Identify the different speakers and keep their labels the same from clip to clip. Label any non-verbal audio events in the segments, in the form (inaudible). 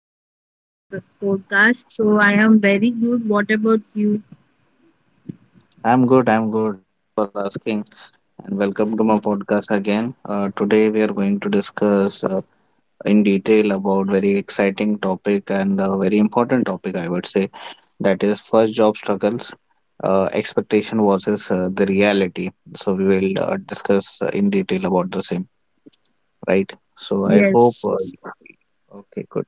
Speaker 1: Podcast. So, I am very good. What about you?
Speaker 2: I'm good. I'm good for asking. And welcome to my podcast again. Today, we are going to discuss in detail about very exciting topic and a very important topic, I would say. That is first job struggles. Expectation versus the reality. So we will discuss in detail about the same. Right? So I hope.
Speaker 1: Yes.
Speaker 2: Okay, good.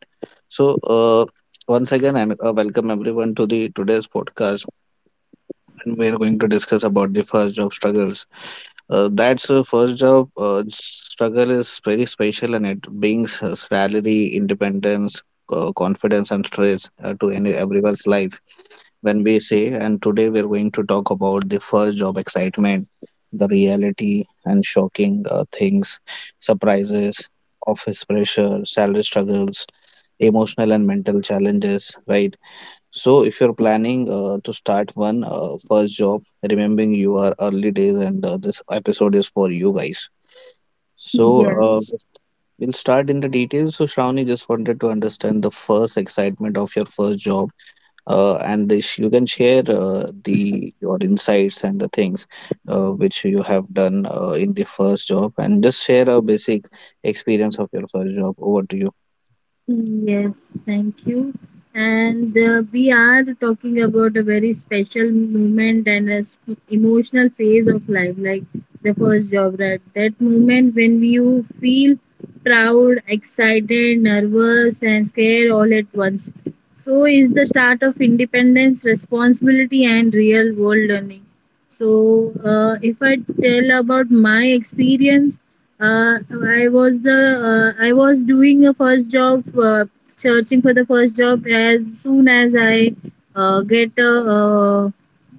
Speaker 2: So once again, and welcome everyone to the today's podcast, and we are going to discuss about the first job struggles. That's first job struggle is very special, and it brings salary, independence, confidence, and stress to any everyone's life when we say, and today we're going to talk about the first job excitement, the reality and shocking things, surprises, office pressure, salary struggles, emotional and mental challenges, right? So, if you're planning to start one first job, remembering your early days, and this episode is for you guys. So,
Speaker 1: Yes.
Speaker 2: uh, we'll start in the details. So, Shravani, just wanted to understand the first excitement of your first job and this you can share the your insights and the things which you have done in the first job, and just share a basic experience of your first job. Over to you.
Speaker 1: Yes, thank you. And we are talking about a very special moment and a emotional phase of life, like the first job, right? That moment when you feel proud, excited, nervous, and scared all at once. So is the start of independence, responsibility, and real world learning. So, if I tell about my experience, uh, I was the I was doing a first job, searching for the first job as soon as uh, get uh, uh,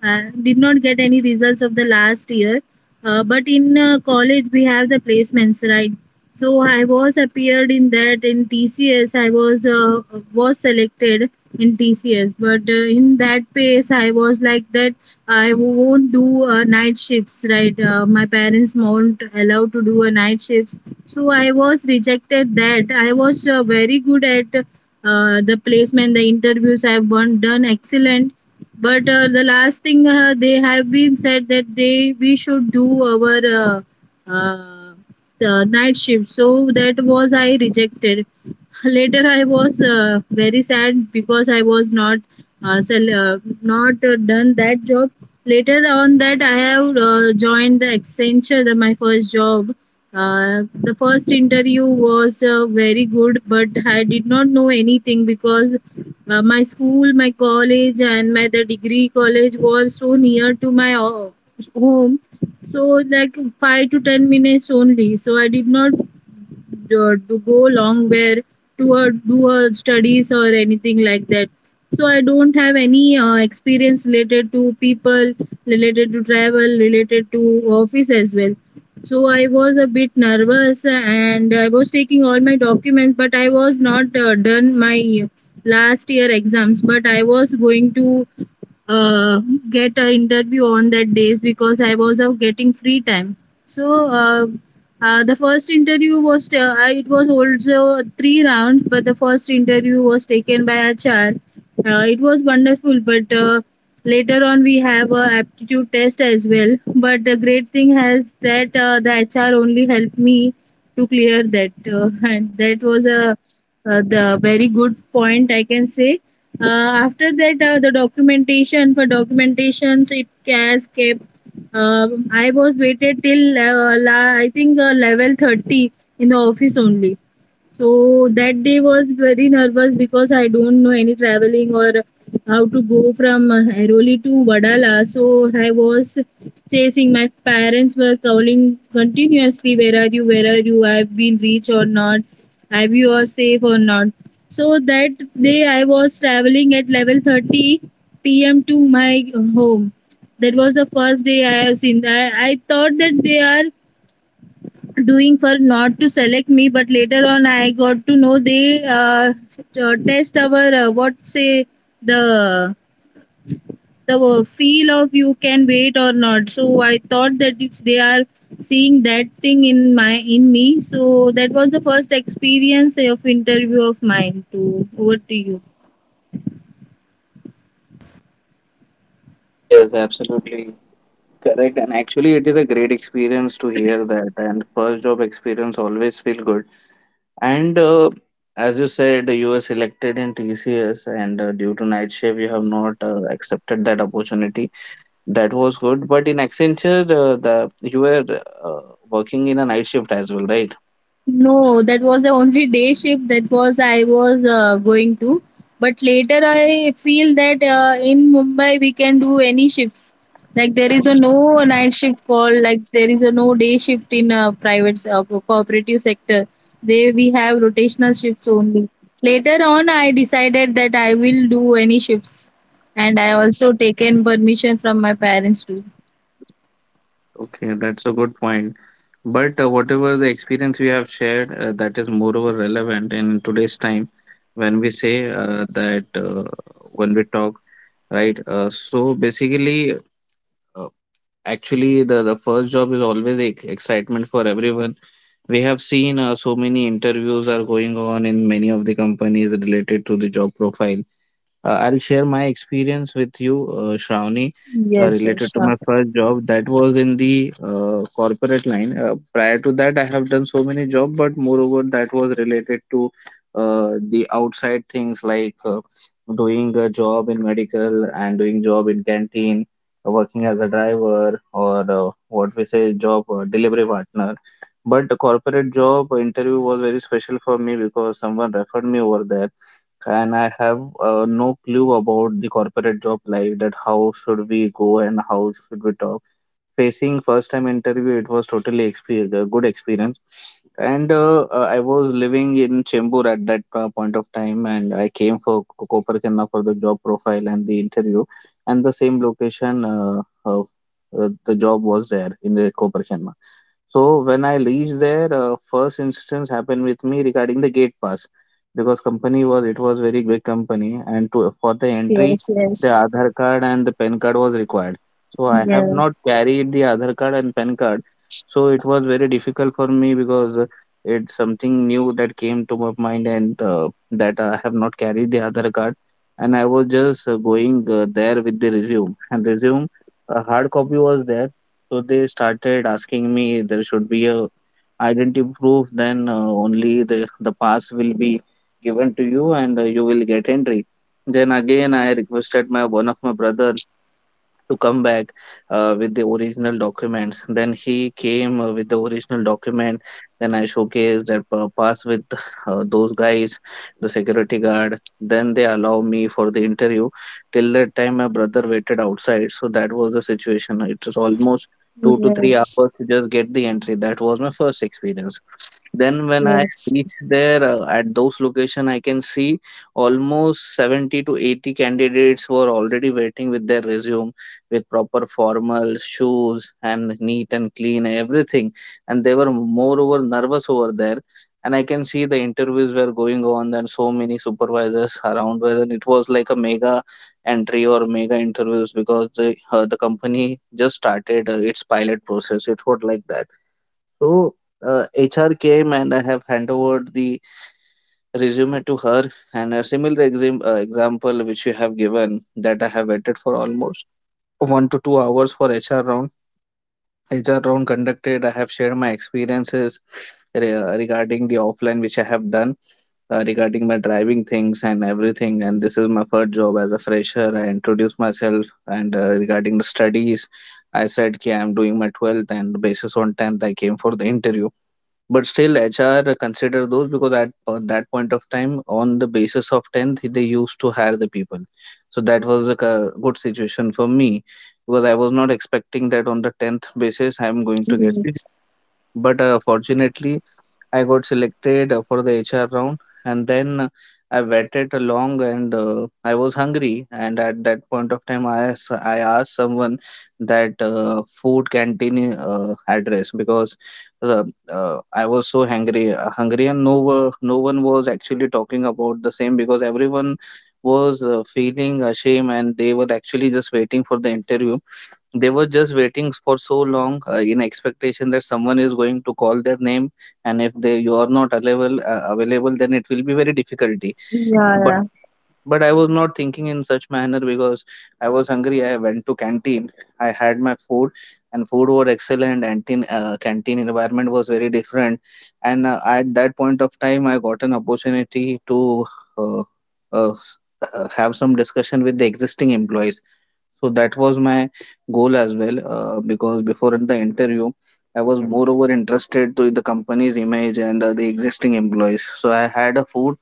Speaker 1: I did not get any results of the last year. But in college we have the placements, right? So I was appeared in that in TCS. I was selected in TCS, but in that pace I was like that. I won't do night shifts, right? My parents won't allow to do a night shifts, so I was rejected. That I was very good at the placement, the interviews. I've won, done excellent, but the last thing they have been said that they we should do our. Uh, the night shift, so that was I rejected. (laughs) Later I was very sad because I was not not done that job. Later on that I have joined the Accenture, the, my first job. The first interview was very good, but I did not know anything because my school, my college and my the degree college was so near to my home, so like 5 to 10 minutes only, so I did not to go long where to do a studies or anything like that. So I don't have any experience related to people, related to travel, related to office as well. So I was a bit nervous and I was taking all my documents, but I was not done my last year exams, but I was going to uh, get an interview on that days because I was getting free time. So uh, the first interview was it was also three rounds, but the first interview was taken by HR. It was wonderful, but later on we have a aptitude test as well. But the great thing has that the HR only helped me to clear that, (laughs) and that was a the very good point I can say. After that, the documentations it has kept, I was waited till I think level 30 in the office only. So that day was very nervous because I don't know any traveling or how to go from Airoli to Vadala. So I was chasing. My parents were calling continuously, "Where are you? Where are you? I've been reached or not? Have you are safe or not?" So that day I was traveling at level 30 p.m. to my home. That was the first day I have seen. That. I thought that they are doing for not to select me, but later on I got to know they test our what say the the feel of you can wait or not. So I thought that if they are seeing that thing in my in me, so that was the first experience of interview of mine. To over to you.
Speaker 2: Yes, absolutely correct. And actually it is a great experience to hear that, and first job experience always feel good, and as you said, you were selected in TCS, and due to night shift you have not accepted that opportunity. That was good, but in Accenture, the you were uh, working in a night shift as well, right?
Speaker 1: No, that was the only day shift that was I was going to. But later I feel that in Mumbai we can do any shifts. Like there is a no night shift call. Like there is a no day shift in private cooperative sector. They we have rotational shifts only. Later on I decided that I will do any shifts, and I also taken permission from my parents too.
Speaker 2: Okay, that's a good point. But whatever the experience we have shared, that is moreover relevant in today's time when we say that when we talk, right? So basically, uh, actually, the first job is always ex excitement for everyone. We have seen so many interviews are going on in many of the companies related to the job profile. I'll share my experience with you, Shravani,
Speaker 1: Yes, yes,
Speaker 2: related to
Speaker 1: sure.
Speaker 2: my first job. That was in the corporate line. Prior to that, I have done so many jobs, but moreover, that was related to the outside things, like doing a job in medical and doing job in canteen, working as a driver, or what we say, job delivery partner. But the corporate job interview was very special for me because someone referred me over there, and I have no clue about the corporate job life, that how should we go and how should we talk. Facing first time interview, it was totally exper a good experience. And I was living in Chembur at that point of time, and I came for Koperkenna for the job profile and the interview, and the same location, the job was there in the Koperkenna. So when I reached there, first instance happened with me regarding the gate pass, because company was it was very big company, and to for the
Speaker 1: Yes,
Speaker 2: entry
Speaker 1: yes,
Speaker 2: the
Speaker 1: yes,
Speaker 2: Aadhaar card and the PAN card was required. So I have not
Speaker 1: yes,
Speaker 2: carried the Aadhaar card and PAN card, so it was very difficult for me because it's something new that came to my mind, and that I have not carried the Aadhaar card, and I was just going there with the resume, and resume a hard copy was there, so they started asking me there should be a identity proof, then only the pass will be given to you, and you will get entry. Then again I requested my one of my brother to come back with the original documents. Then he came with the original document. Then I showcased that pass with those guys, the security guard. Then they allow me for the interview. Till that time, my brother waited outside. So that was the situation. It was almost two to three
Speaker 1: yes.
Speaker 2: hours to just get the entry. That was my first experience. Then when I
Speaker 1: Yes.
Speaker 2: reach there, at those location, I can see almost 70 to 80 candidates were already waiting with their resume, with proper formal shoes and neat and clean everything. And they were moreover nervous over there. And I can see the interviews were going on, and so many supervisors around, whether it was like a mega entry or mega interviews, because the company just started its pilot process. It was like that. So HR came, and I have hand over the resume to her, and a similar example which you have given, that I have waited for almost 1 to 2 hours for HR round. HR round conducted. I have shared my experiences regarding the offline which I have done, regarding my driving things and everything. And this is my first job as a fresher. I introduced myself, and regarding the studies, I said, "Okay, I'm doing my 12th and basis on 10th. I came for the interview." But still, HR consider those because that point of time, on the basis of 10th, they used to hire the people. So that was a good situation for me because I was not expecting that on the 10th basis, I'm going to get the
Speaker 1: Yes.
Speaker 2: job. But fortunately, I got selected for the HR round, and then I waited long, and I was hungry. And at that point of time, I asked someone that food canteen address, because uh, I was so hungry, and no one was actually talking about the same because everyone was feeling ashamed, and they were actually just waiting for the interview, they were just waiting for so long in expectation that someone is going to call their name, and if they you are not available, then it will be very difficulty.
Speaker 1: Yeah.
Speaker 2: But uh, but I was not thinking in such manner because I was hungry. I went to canteen. I had my food, and food was excellent. Canteen environment was very different, and at that point of time, I got an opportunity to Uh, uh, s- have some discussion with the existing employees, so that was my goal as well, because before in the interview, I was moreover interested to the company's image and the existing employees. So I had a food,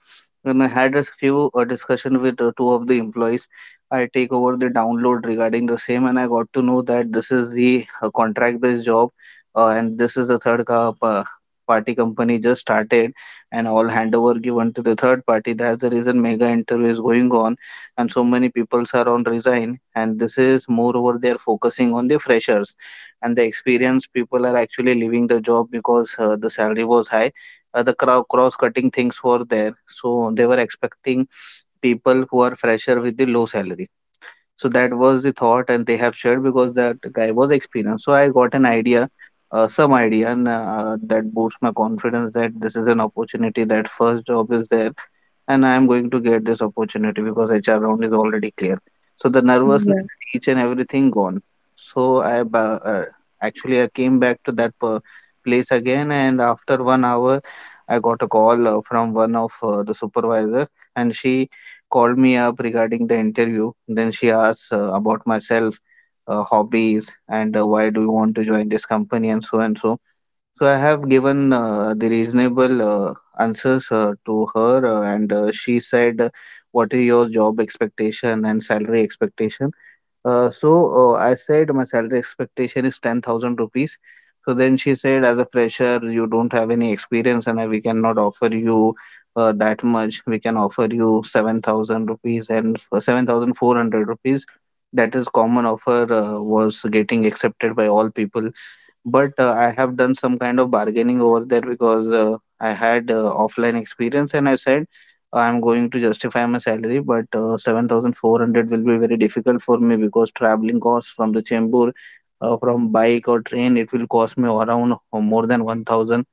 Speaker 2: and I had a few discussion with two of the employees. I take over the download regarding the same, and I got to know that this is the contract-based job, and this is the third party company just started, and all handover given to the third party. That's the reason mega interview is going on, and so many people are on resign, and this is moreover they are focusing on the freshers, and the experienced people are actually leaving the job because the salary was high, the cross cutting things were there, so they were expecting people who are fresher with the low salary. So that was the thought, and they have shared, because that guy was experienced, so I got an idea, some idea, and that boosts my confidence that this is an opportunity, that first job is there, and I am going to get this opportunity because HR round is already clear. So the
Speaker 1: Yeah.
Speaker 2: nervousness and each and everything gone. So I ba- uh, Actually I came back to that place again, and after one hour, I got a call from one of the supervisor, and she called me up regarding the interview. Then she asked about myself, hobbies, and why do you want to join this company, and so and so. So I have given the reasonable answers to her, and she said, "What is your job expectation and salary expectation?" Uh, so I said, "My salary expectation is 10,000 rupees." So then she said, "As a fresher, you don't have any experience, and we cannot offer you that much. We can offer you 7,000 rupees and 7,400 rupees." That is common offer was getting accepted by all people but I have done some kind of bargaining over there because I had offline experience, and I said I'm going to justify my salary, but 7,400 will be very difficult for me because traveling costs from the Chembur, from bike or train, it will cost me around more than 1,000,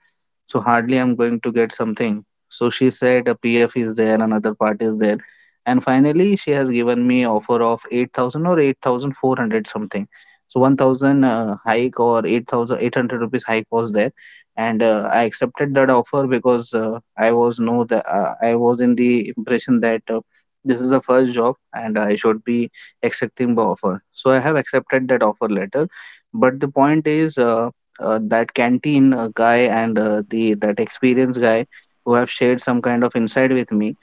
Speaker 2: so hardly I'm going to get something. So she said a PF is there, another part is there. And finally she has given me offer of 8,000 or 8,400 something. So 1,000 hike or 8,800 rupees hike was there. And I accepted that offer because I was know that I was in the impression that this is the first job and I should be accepting the offer. So I have accepted that offer letter. But the point is, that canteen guy and the that experienced guy who have shared some kind of insight with me,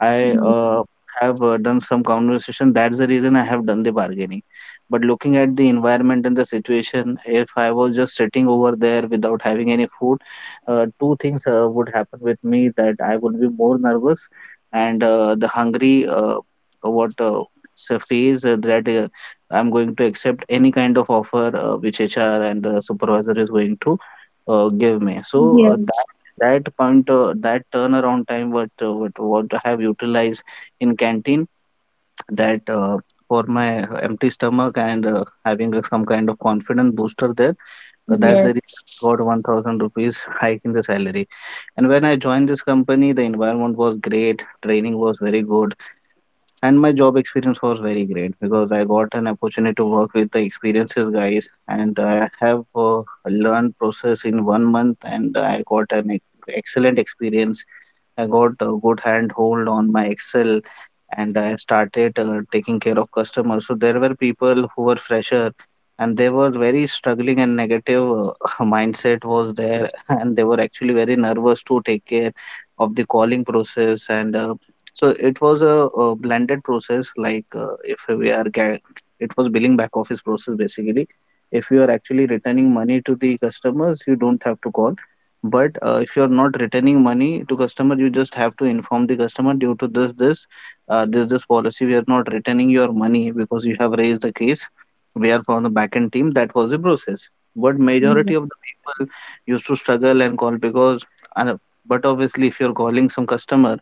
Speaker 2: I have done some conversation. That's the reason I have done the bargaining. But looking at the environment and the situation, if I was just sitting over there without having any food, two things would happen with me: that I would be more nervous and the hungry what uh, phase that I'm going to accept any kind of offer which HR and the supervisor is going to give me. So
Speaker 1: Yes.
Speaker 2: that point, that turnaround time, what what I have utilized in canteen, that for my empty stomach and having a, some kind of confidence booster there, that's the reason I
Speaker 1: Yes.
Speaker 2: got 1,000 rupees hike in the salary. And when I joined this company, the environment was great, training was very good, and my job experience was very great because I got an opportunity to work with the experiences guys, and I have learned process in 1 month, and I got an excellent experience. I got a good handhold on my Excel, and I started taking care of customers. So there were people who were fresher and they were very struggling and negative (laughs) mindset was there (laughs) and they were actually very nervous to take care of the calling process, and so it was a blended process, like if we are get, it was billing back office process basically. If you are actually returning money to the customers, you don't have to call, but if you're not returning money to customer, you just have to inform the customer: due to this policy, we are not returning your money because you have raised the case, we are from the backend team. That was the process. But
Speaker 1: Yes.
Speaker 2: majority of the people used to struggle and call because, and but obviously if you're calling some customer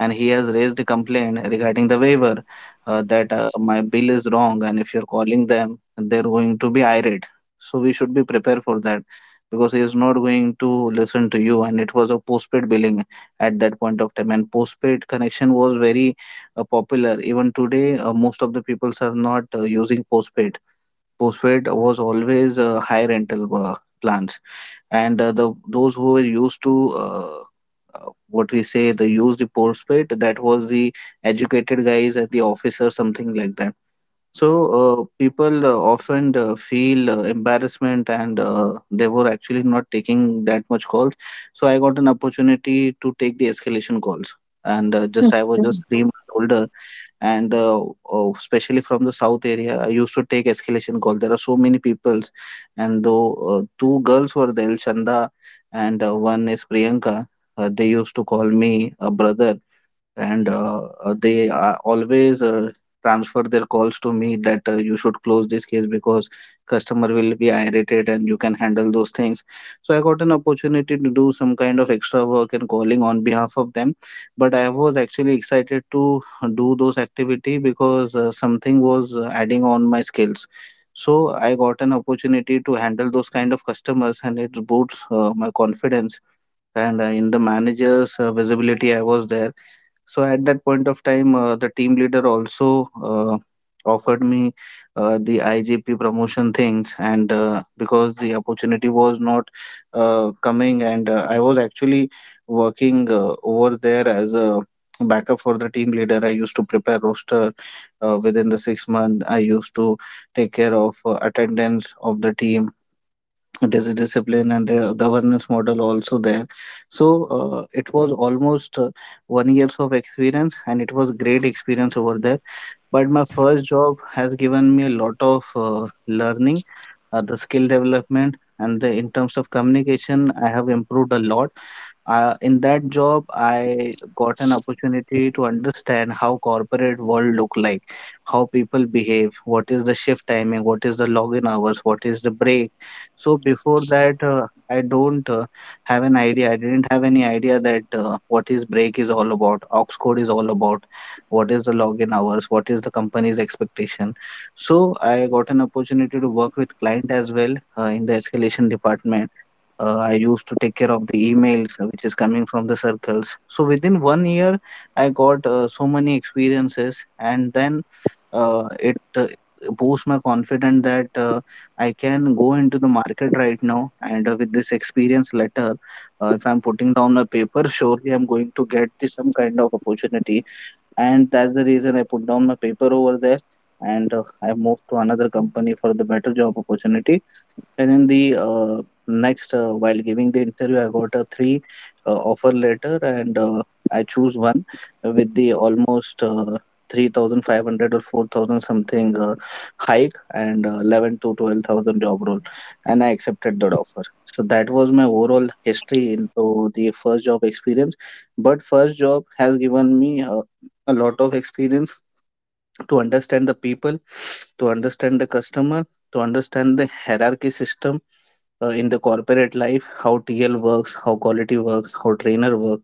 Speaker 2: and he has raised a complaint regarding the waiver, that my bill is wrong, and if you're calling them, they're going to be irate, so we should be prepared for that because he is not going to listen to you. And it was a postpaid billing at that point of time, and postpaid connection was very popular. Even today, most of the peoples are not using postpaid. Postpaid was always high rental plans. And the those who were used to what we say the use the postpaid, that was the educated guys at the office or something like that. So, people often feel embarrassment and they were actually not taking that much calls. So, I got an opportunity to take the escalation calls. And just I
Speaker 1: Okay.
Speaker 2: was just 3 month older, and especially from the south area, I used to take escalation calls. There are so many peoples, and though two girls were there, Chanda and one is Priyanka, they used to call me a brother, and they always transfer their calls to me: that you should close this case because customer will be irritated and you can handle those things. So I got an opportunity to do some kind of extra work and calling on behalf of them, but I was actually excited to do those activity because something was adding on my skills. So I got an opportunity to handle those kind of customers, and it boosts my confidence. And in the manager's visibility I was there. So at that point of time, the team leader also offered me the IGP promotion things, and because the opportunity was not coming, and I was actually working over there as a backup for the team leader. I used to prepare roster within the 6 month. I used to take care of attendance of the team. There's a discipline and the governance model also there. So it was almost 1 years of experience, and it was great experience over there. But my first job has given me a lot of learning, the skill development, and the in terms of communication I have improved a lot. In that job, I got an opportunity to understand how corporate world look like, how people behave, what is the shift timing, what is the login hours, what is the break. So before that, I don't have an idea I didn't have any idea that what is break is all about, ox code is all about, what is the login hours, what is the company's expectation. So I got an opportunity to work with client as well, in the escalation department. I used to take care of the emails which is coming from the circles. So within 1 year, I got so many experiences. And then it boosts my confidence that I can go into the market right now, and with this experience letter, if I'm putting down a paper, surely I'm going to get the, some kind of opportunity. And that's the reason I put down my paper over there, and I moved to another company for the better job opportunity. And in the next, while giving the interview, I got a three offer letter, and I choose one with the almost 3,500 or 4,000 something hike and 11 to 12,000 job role, and I accepted that offer. So that was my overall history into the first job experience. But first job has given me a lot of experience to understand the people, to understand the customer, to understand the hierarchy system, in the corporate life: how TL works, how quality works, how trainer work,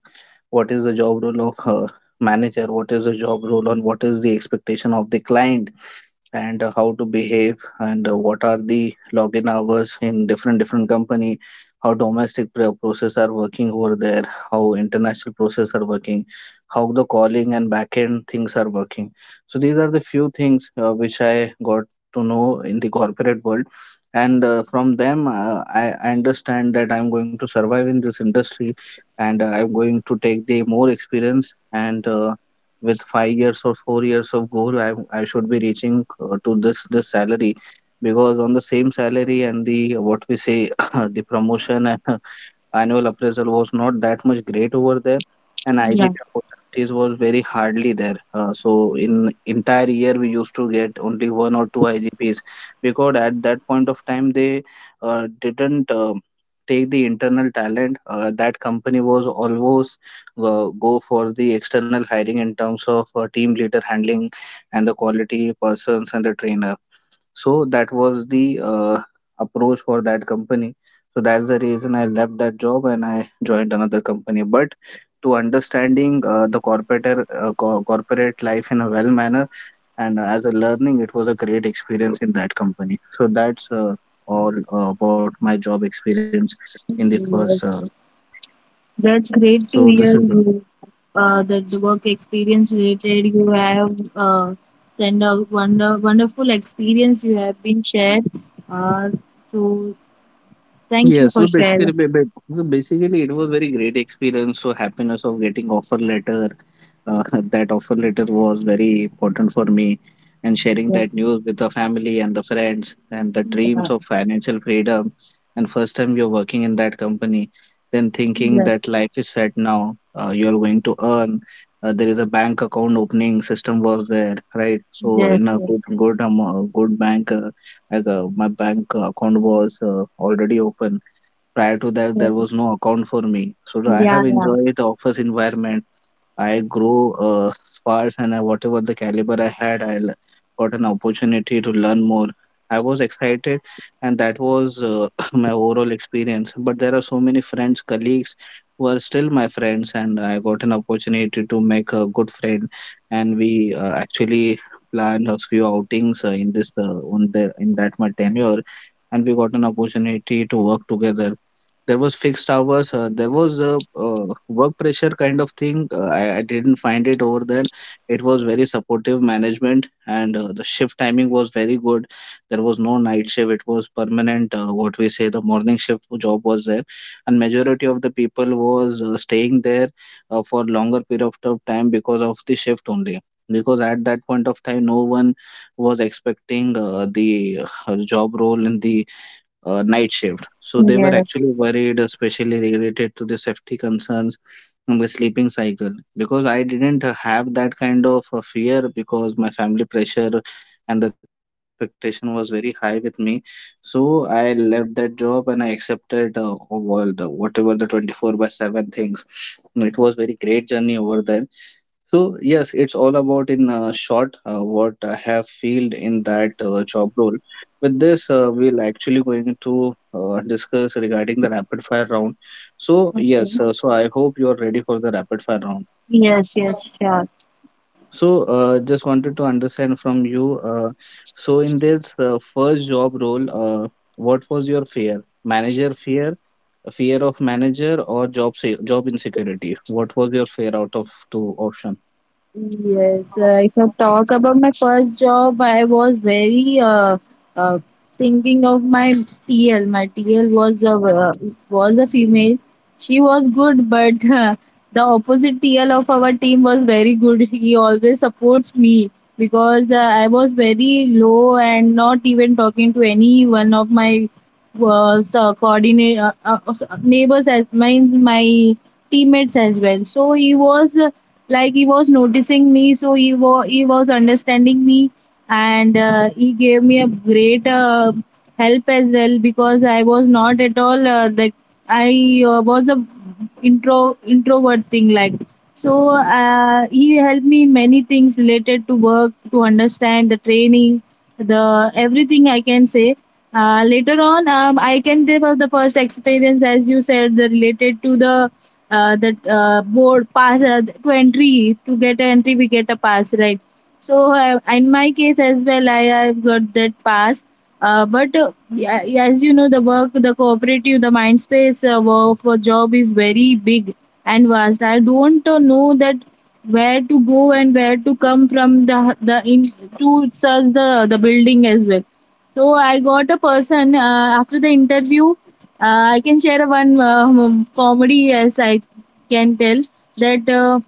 Speaker 2: what is the job role of manager, what is the job role, and what is the expectation of the client. And how to behave, and what are the login hours in different different company, how domestic process are working over there, how international process are working, how the calling and backend things are working. So these are the few things which I got to know in the corporate world. And from them, I understand that I'm going to survive in this industry, and I'm going to take the more experience, and with 5 years or 4 years of goal, I should be reaching to this salary. Because on the same salary and the what we say (coughs) (laughs) the promotion and annual appraisal was not that much great over there, and
Speaker 1: Yeah,
Speaker 2: IBP opportunities was very hardly there. So in entire year, we used to get only one or two IGPs, because at that point of time they didn't take the internal talent. That company was always go for the external hiring in terms of team leader handling and the quality persons and the trainer. So that was the approach for that company. So that's the reason I left that job and I joined another company. But to understanding the corporate life in a well manner and as a learning, it was a great experience in that company. So that's all about my job experience in the first
Speaker 1: yes.
Speaker 2: thing.
Speaker 1: That's great
Speaker 2: So
Speaker 1: to
Speaker 2: this is
Speaker 1: hear you. That the work experience related you have send a wonderful experience you have been shared. Uh, so
Speaker 2: yeah.
Speaker 1: thank you
Speaker 2: So
Speaker 1: for
Speaker 2: basically,
Speaker 1: sharing.
Speaker 2: so basically, it was very great experience. So happiness of getting offer letter. Uh, (laughs) that offer letter was very important for me, and sharing
Speaker 1: Yeah,
Speaker 2: that news with the family and the friends and the dreams
Speaker 1: yeah,
Speaker 2: of financial freedom. And first time you're working in that company, then thinking that life is set now, you're going to earn. There is a bank account opening system was there, right? So
Speaker 1: yes,
Speaker 2: in a
Speaker 1: yes,
Speaker 2: good bank, like my bank account was already open prior to that. There
Speaker 1: yes,
Speaker 2: was no account for me, so I
Speaker 1: yes,
Speaker 2: have
Speaker 1: yeah,
Speaker 2: enjoyed the office environment. I grow sparse, and I, whatever the caliber I had, got an opportunity to learn more. I was excited, and that was (coughs) (clears throat) my overall experience. But there are so many friends, colleagues who are still my friends, and I got an opportunity to make a good friend. And we actually planned a few outings in this on the in that my tenure, and we got an opportunity to work together. There was fixed hours, there was a work pressure kind of thing. I didn't find it over there. It was very supportive management, and the shift timing was very good. There was no night shift, it was permanent, what we say the morning shift job was there, and majority of the people was staying there for longer period of time because of the shift only, because at that point of time no one was expecting the job role in the night shift. So they
Speaker 1: yeah,
Speaker 2: were
Speaker 1: yes.
Speaker 2: actually worried, especially related to the safety concerns and the sleeping cycle. Because I didn't have that kind of fear, because my family pressure and the expectation was very high with me. So I left that job and I accepted all the whatever the 24 by 7 things. It was very great journey over there. So yes, it's all about in short what I have filled in that job role. With this, we'll actually going to discuss regarding the rapid fire round. So yes,
Speaker 1: Okay.
Speaker 2: so I hope you are ready for the rapid fire round.
Speaker 1: Yes, yes, sure.
Speaker 2: So just wanted to understand from you. So in this first job role, uh, what was your fear? Manager fear, fear of manager, or job insecurity? What was your fear out of two option?
Speaker 1: Yes, if I talk about my first job, I was very uh, thinking of my TL. My TL was a female. She was good, but the opposite TL of our team was very good. He always supports me because I was very low and not even talking to any one of my so coordinate neighbors as means my teammates as well. So he was like he was noticing me, so he was understanding me, and he gave me a great help as well because I was not at all like I was a introvert thing like. So he helped me in many things related to work, to understand the training, the everything I can say. Later on, I can give up the first experience as you said the related to the that board pass to get an entry we get a pass, right? So in my case as well I have got that pass. But yeah, yeah, as you know the work the cooperative the mind space work for job is very big and vast. I don't know that where to go and where to come from the in to search the building as well. So I got a person after the interview. I can share one comedy as I can tell that uh,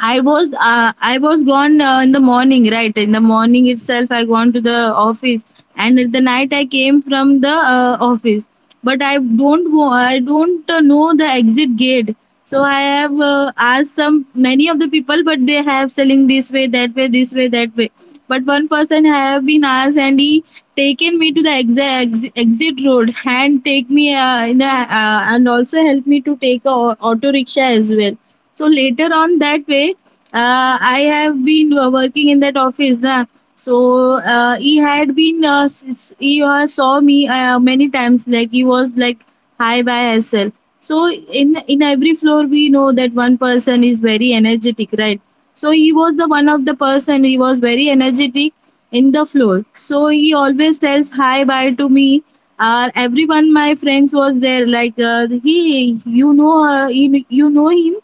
Speaker 1: I was uh, I was gone in the morning, right? In the morning itself, I gone to the office, and in the night I came from the office. But I don't know the exit gate, so I have asked some many of the people, but they have selling this way, that way, this way, that way. But one person have been asked, and he taken me to the exit road and take me and also help me to take a auto rickshaw as well. So later on that way I have been working in that office, na. So he had been he saw me many times like he was like high by herself. So in every floor we know that one person is very energetic, right? So he was the one of the person, he was very energetic in the floor. So he always tells hi bye to me. Everyone my friends was there, like, he you know, you, you know him,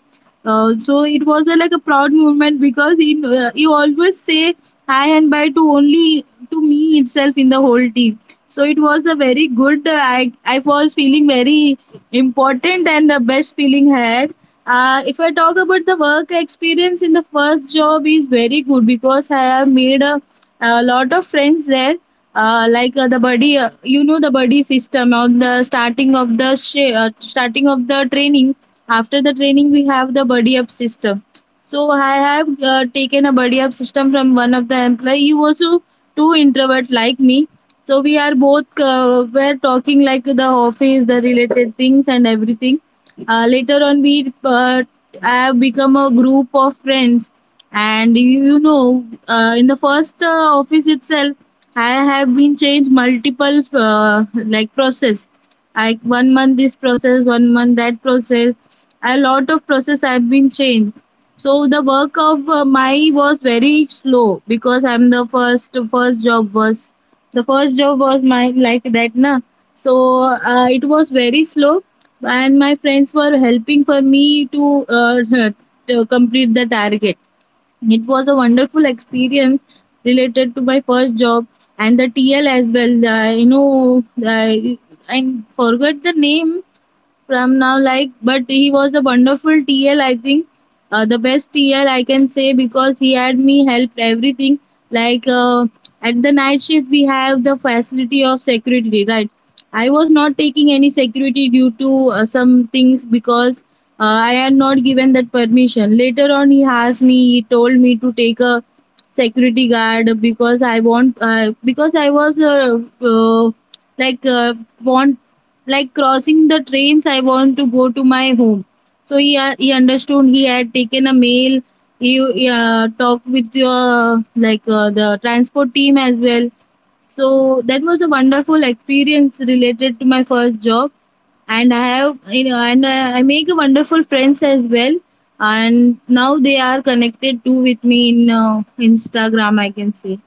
Speaker 1: so it was a, like a proud moment because he always say hi and bye to only to me itself in the whole team. So it was a very good. I was feeling very important and the best feeling I had. If I talk about the work experience in the first job is very good because I have made a lot of friends there. Like the buddy, you know the buddy system on the starting of starting of the training. After the training, we have the buddy up system. So I have taken a buddy up system from one of the employee. He was a too introvert like me. So we are both were talking like the office, the related things and everything. Later on, we I have become a group of friends, and you know, in the first office itself, I have been changed multiple like process. Like 1 month this process, 1 month that process, a lot of process have been changed. So the work of my was very slow because I'm the first first job was the first job was my like that, na. So it was very slow, and my friends were helping for me to, (laughs) to complete the target. It was a wonderful experience related to my first job. And the tl as well, you know, I forgot the name from now like, but he was a wonderful TL I think, the best TL I can say because he had me help everything, like, at the night shift we have the facility of security, right? I was not taking any security due to some things because I had not given that permission. Later on he asked me, he told me to take a security guard because I want, because I was like uh, want like crossing the trains, I want to go to my home. So he understood, he had taken a mail, he, talked with your like the transport team as well. So that was a wonderful experience related to my first job. And I have, you know, and I make a wonderful friends as well, and now they are connected too with me in Instagram I can say.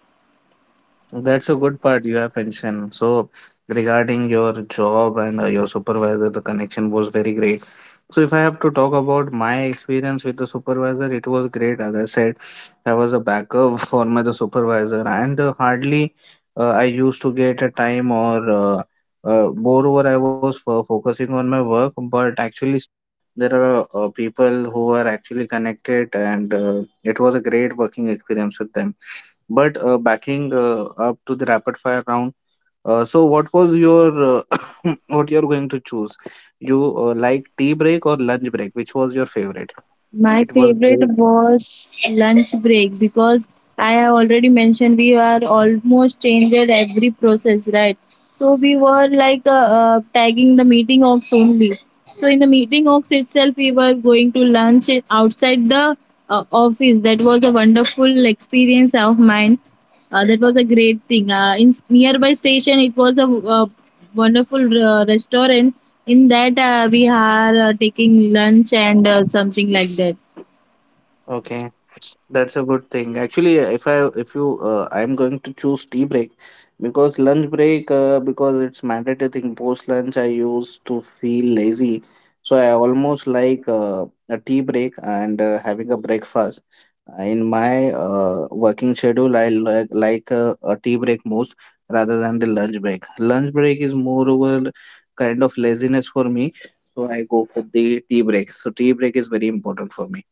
Speaker 2: That's a good part you have mentioned. So, regarding your job and your supervisor, the connection was very great. So, if I have to talk about my experience with the supervisor, it was great. As I said, I was a backup (laughs) for my the supervisor, and hardly I used to get a time or moreover, I was for focusing on my work, but actually there are people who are actually connected, and it was a great working experience with them. But backing up to the rapid fire round, so what was your uh, (coughs) what you're going to choose? You like tea break or lunch break? Which was your favorite?
Speaker 1: My
Speaker 2: It was
Speaker 1: favorite
Speaker 2: break.
Speaker 1: was lunch break because I have already mentioned we are almost changed at every process, right? So we were like tagging the meeting ox only. So in the meeting ox itself, we were going to lunch outside the office. That was a wonderful experience of mine, that was a great thing. In nearby station, it was a wonderful restaurant. In that, we are taking lunch and something like that.
Speaker 2: Okay. That's a good thing. Actually, if you I'm going to choose tea break because lunch break because it's mandatory thing. Post lunch, I used to feel lazy, so I almost like a tea break and having a breakfast. In my working schedule, I like a tea break most rather than the lunch break. Lunch break is moreover kind of laziness for me, so I go for the tea break. So tea break is very important for me.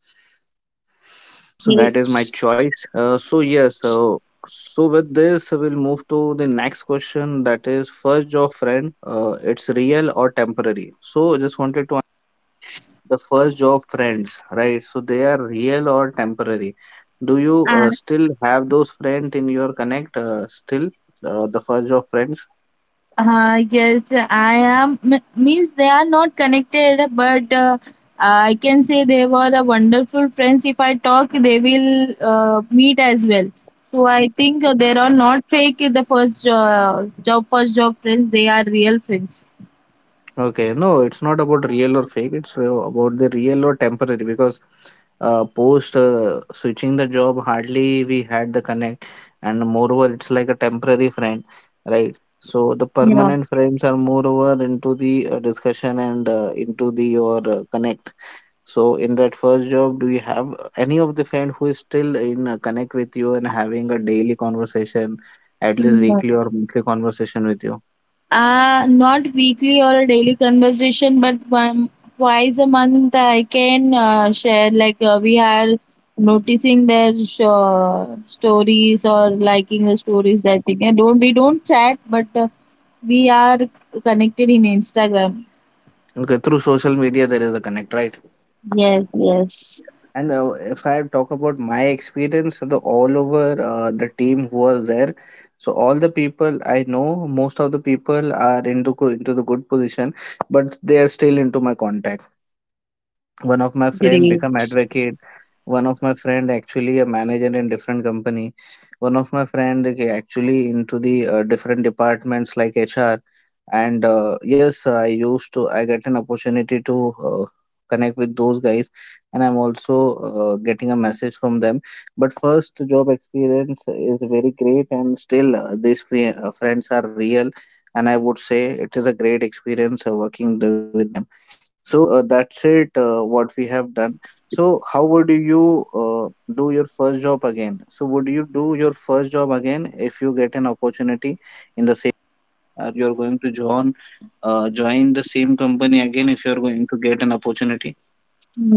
Speaker 2: So that is my choice. So yes, so with this we'll move to the next question, that is first job friend, it's real or temporary. So just wanted to the first job friends, right? So they are real or temporary. Do you
Speaker 1: Uh,
Speaker 2: still have those friends in your connect still the first job friends?
Speaker 1: yes, I am. Means they are not connected, but I can say they were a wonderful friends. If I talk, they will meet as well. So I think they are not fake. The first first job friends, they are real friends.
Speaker 2: Okay, no, it's not about real or fake. It's about the real or temporary, because post switching the job, hardly we had the connect, and moreover, it's like a temporary friend, right? So the
Speaker 1: Yeah.
Speaker 2: permanent friends are moreover into the discussion and into the your connect. So in that first job, do you have any of the friend who is still in connect with you and having a daily conversation, at least weekly or monthly conversation with you?
Speaker 1: Not weekly or a daily conversation, but one twice a month I can share. Like we are noticing their stories or liking the stories that we can. Don't we don't chat, but we are connected in Instagram.
Speaker 2: Okay, through social media there is a connect, right?
Speaker 1: Yes, yes,
Speaker 2: And if I talk about my experience, so the all over the team who was there, so all the people I know, most of the people are into into the good position, but they are still into my contact. One of my
Speaker 1: that's
Speaker 2: friend
Speaker 1: great.
Speaker 2: become advocate, one of my friend actually a manager in different company, one of my friend he actually into the different departments like HR. And yes, I get an opportunity to uh, connect with those guys, and I'm also getting a message from them. But first job experience is very great, and still these friends are real, and I would say it is a great experience working with them. So that's it, what we have done. So how would you do your first job again? So would you do your first job again if you get an opportunity in the same, or you're going to join join the same company again if you're going to get an opportunity?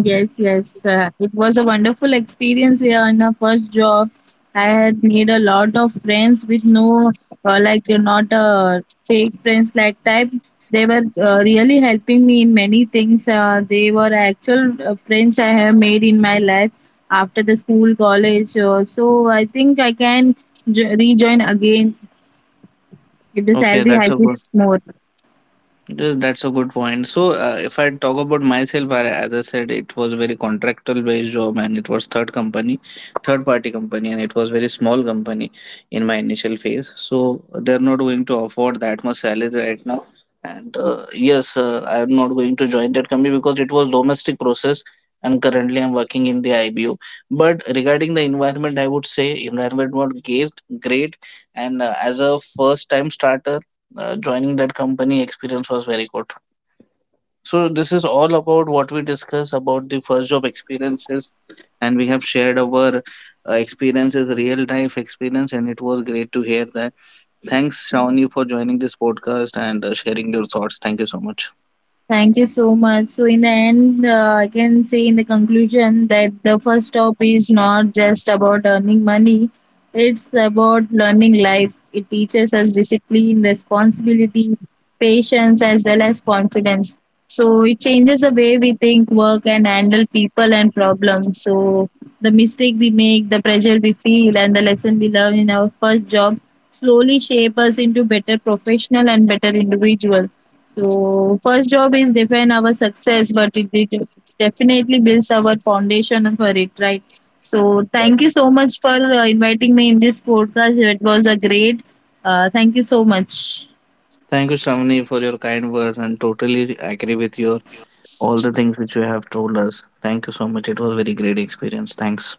Speaker 1: Yes, yes. It was a wonderful experience here in our first job. I had made a lot of friends with no, not fake friends like type. They were really helping me in many things. They were actual friends I have made in my life after the school, college. So I think I can rejoin again if the
Speaker 2: Okay,
Speaker 1: salary
Speaker 2: that's
Speaker 1: hike
Speaker 2: all.
Speaker 1: is more.
Speaker 2: Yes, that's a good point. So, if I talk about myself, I, as I said, it was very contractual based job, and it was third company, third party company, and it was very small company in my initial phase. So, they're not going to afford that much salary right now. And yes, I'm not going to join that company because it was domestic process, and currently I'm working in the IBO. But regarding the environment, I would say environment was great. And as a first time starter, joining that company experience was very good. So this is all about what we discuss about the first job experiences, and we have shared our experiences, real life experience, and it was great to hear that. Thanks Shravani for joining this podcast and sharing your thoughts. Thank you so much.
Speaker 1: Thank you so much. So, in the end, I can say in the conclusion that the first stop is not just about earning money, it's about learning life. It teaches us discipline, responsibility, patience, as well as confidence. So, it changes the way we think, work, and handle people and problems. So, the mistake we make, the pressure we feel, and the lesson we learn in our first job slowly shape us into better professional and better individual. So first job is define our success, but it definitely builds our foundation for it, right? So
Speaker 2: Right.
Speaker 1: thank you so much for inviting me in this podcast. It was a great. Thank you so much.
Speaker 2: Thank you Shravani for your kind words, and totally agree with your all the things which you have told us. Thank you so much, it was very great experience. Thanks.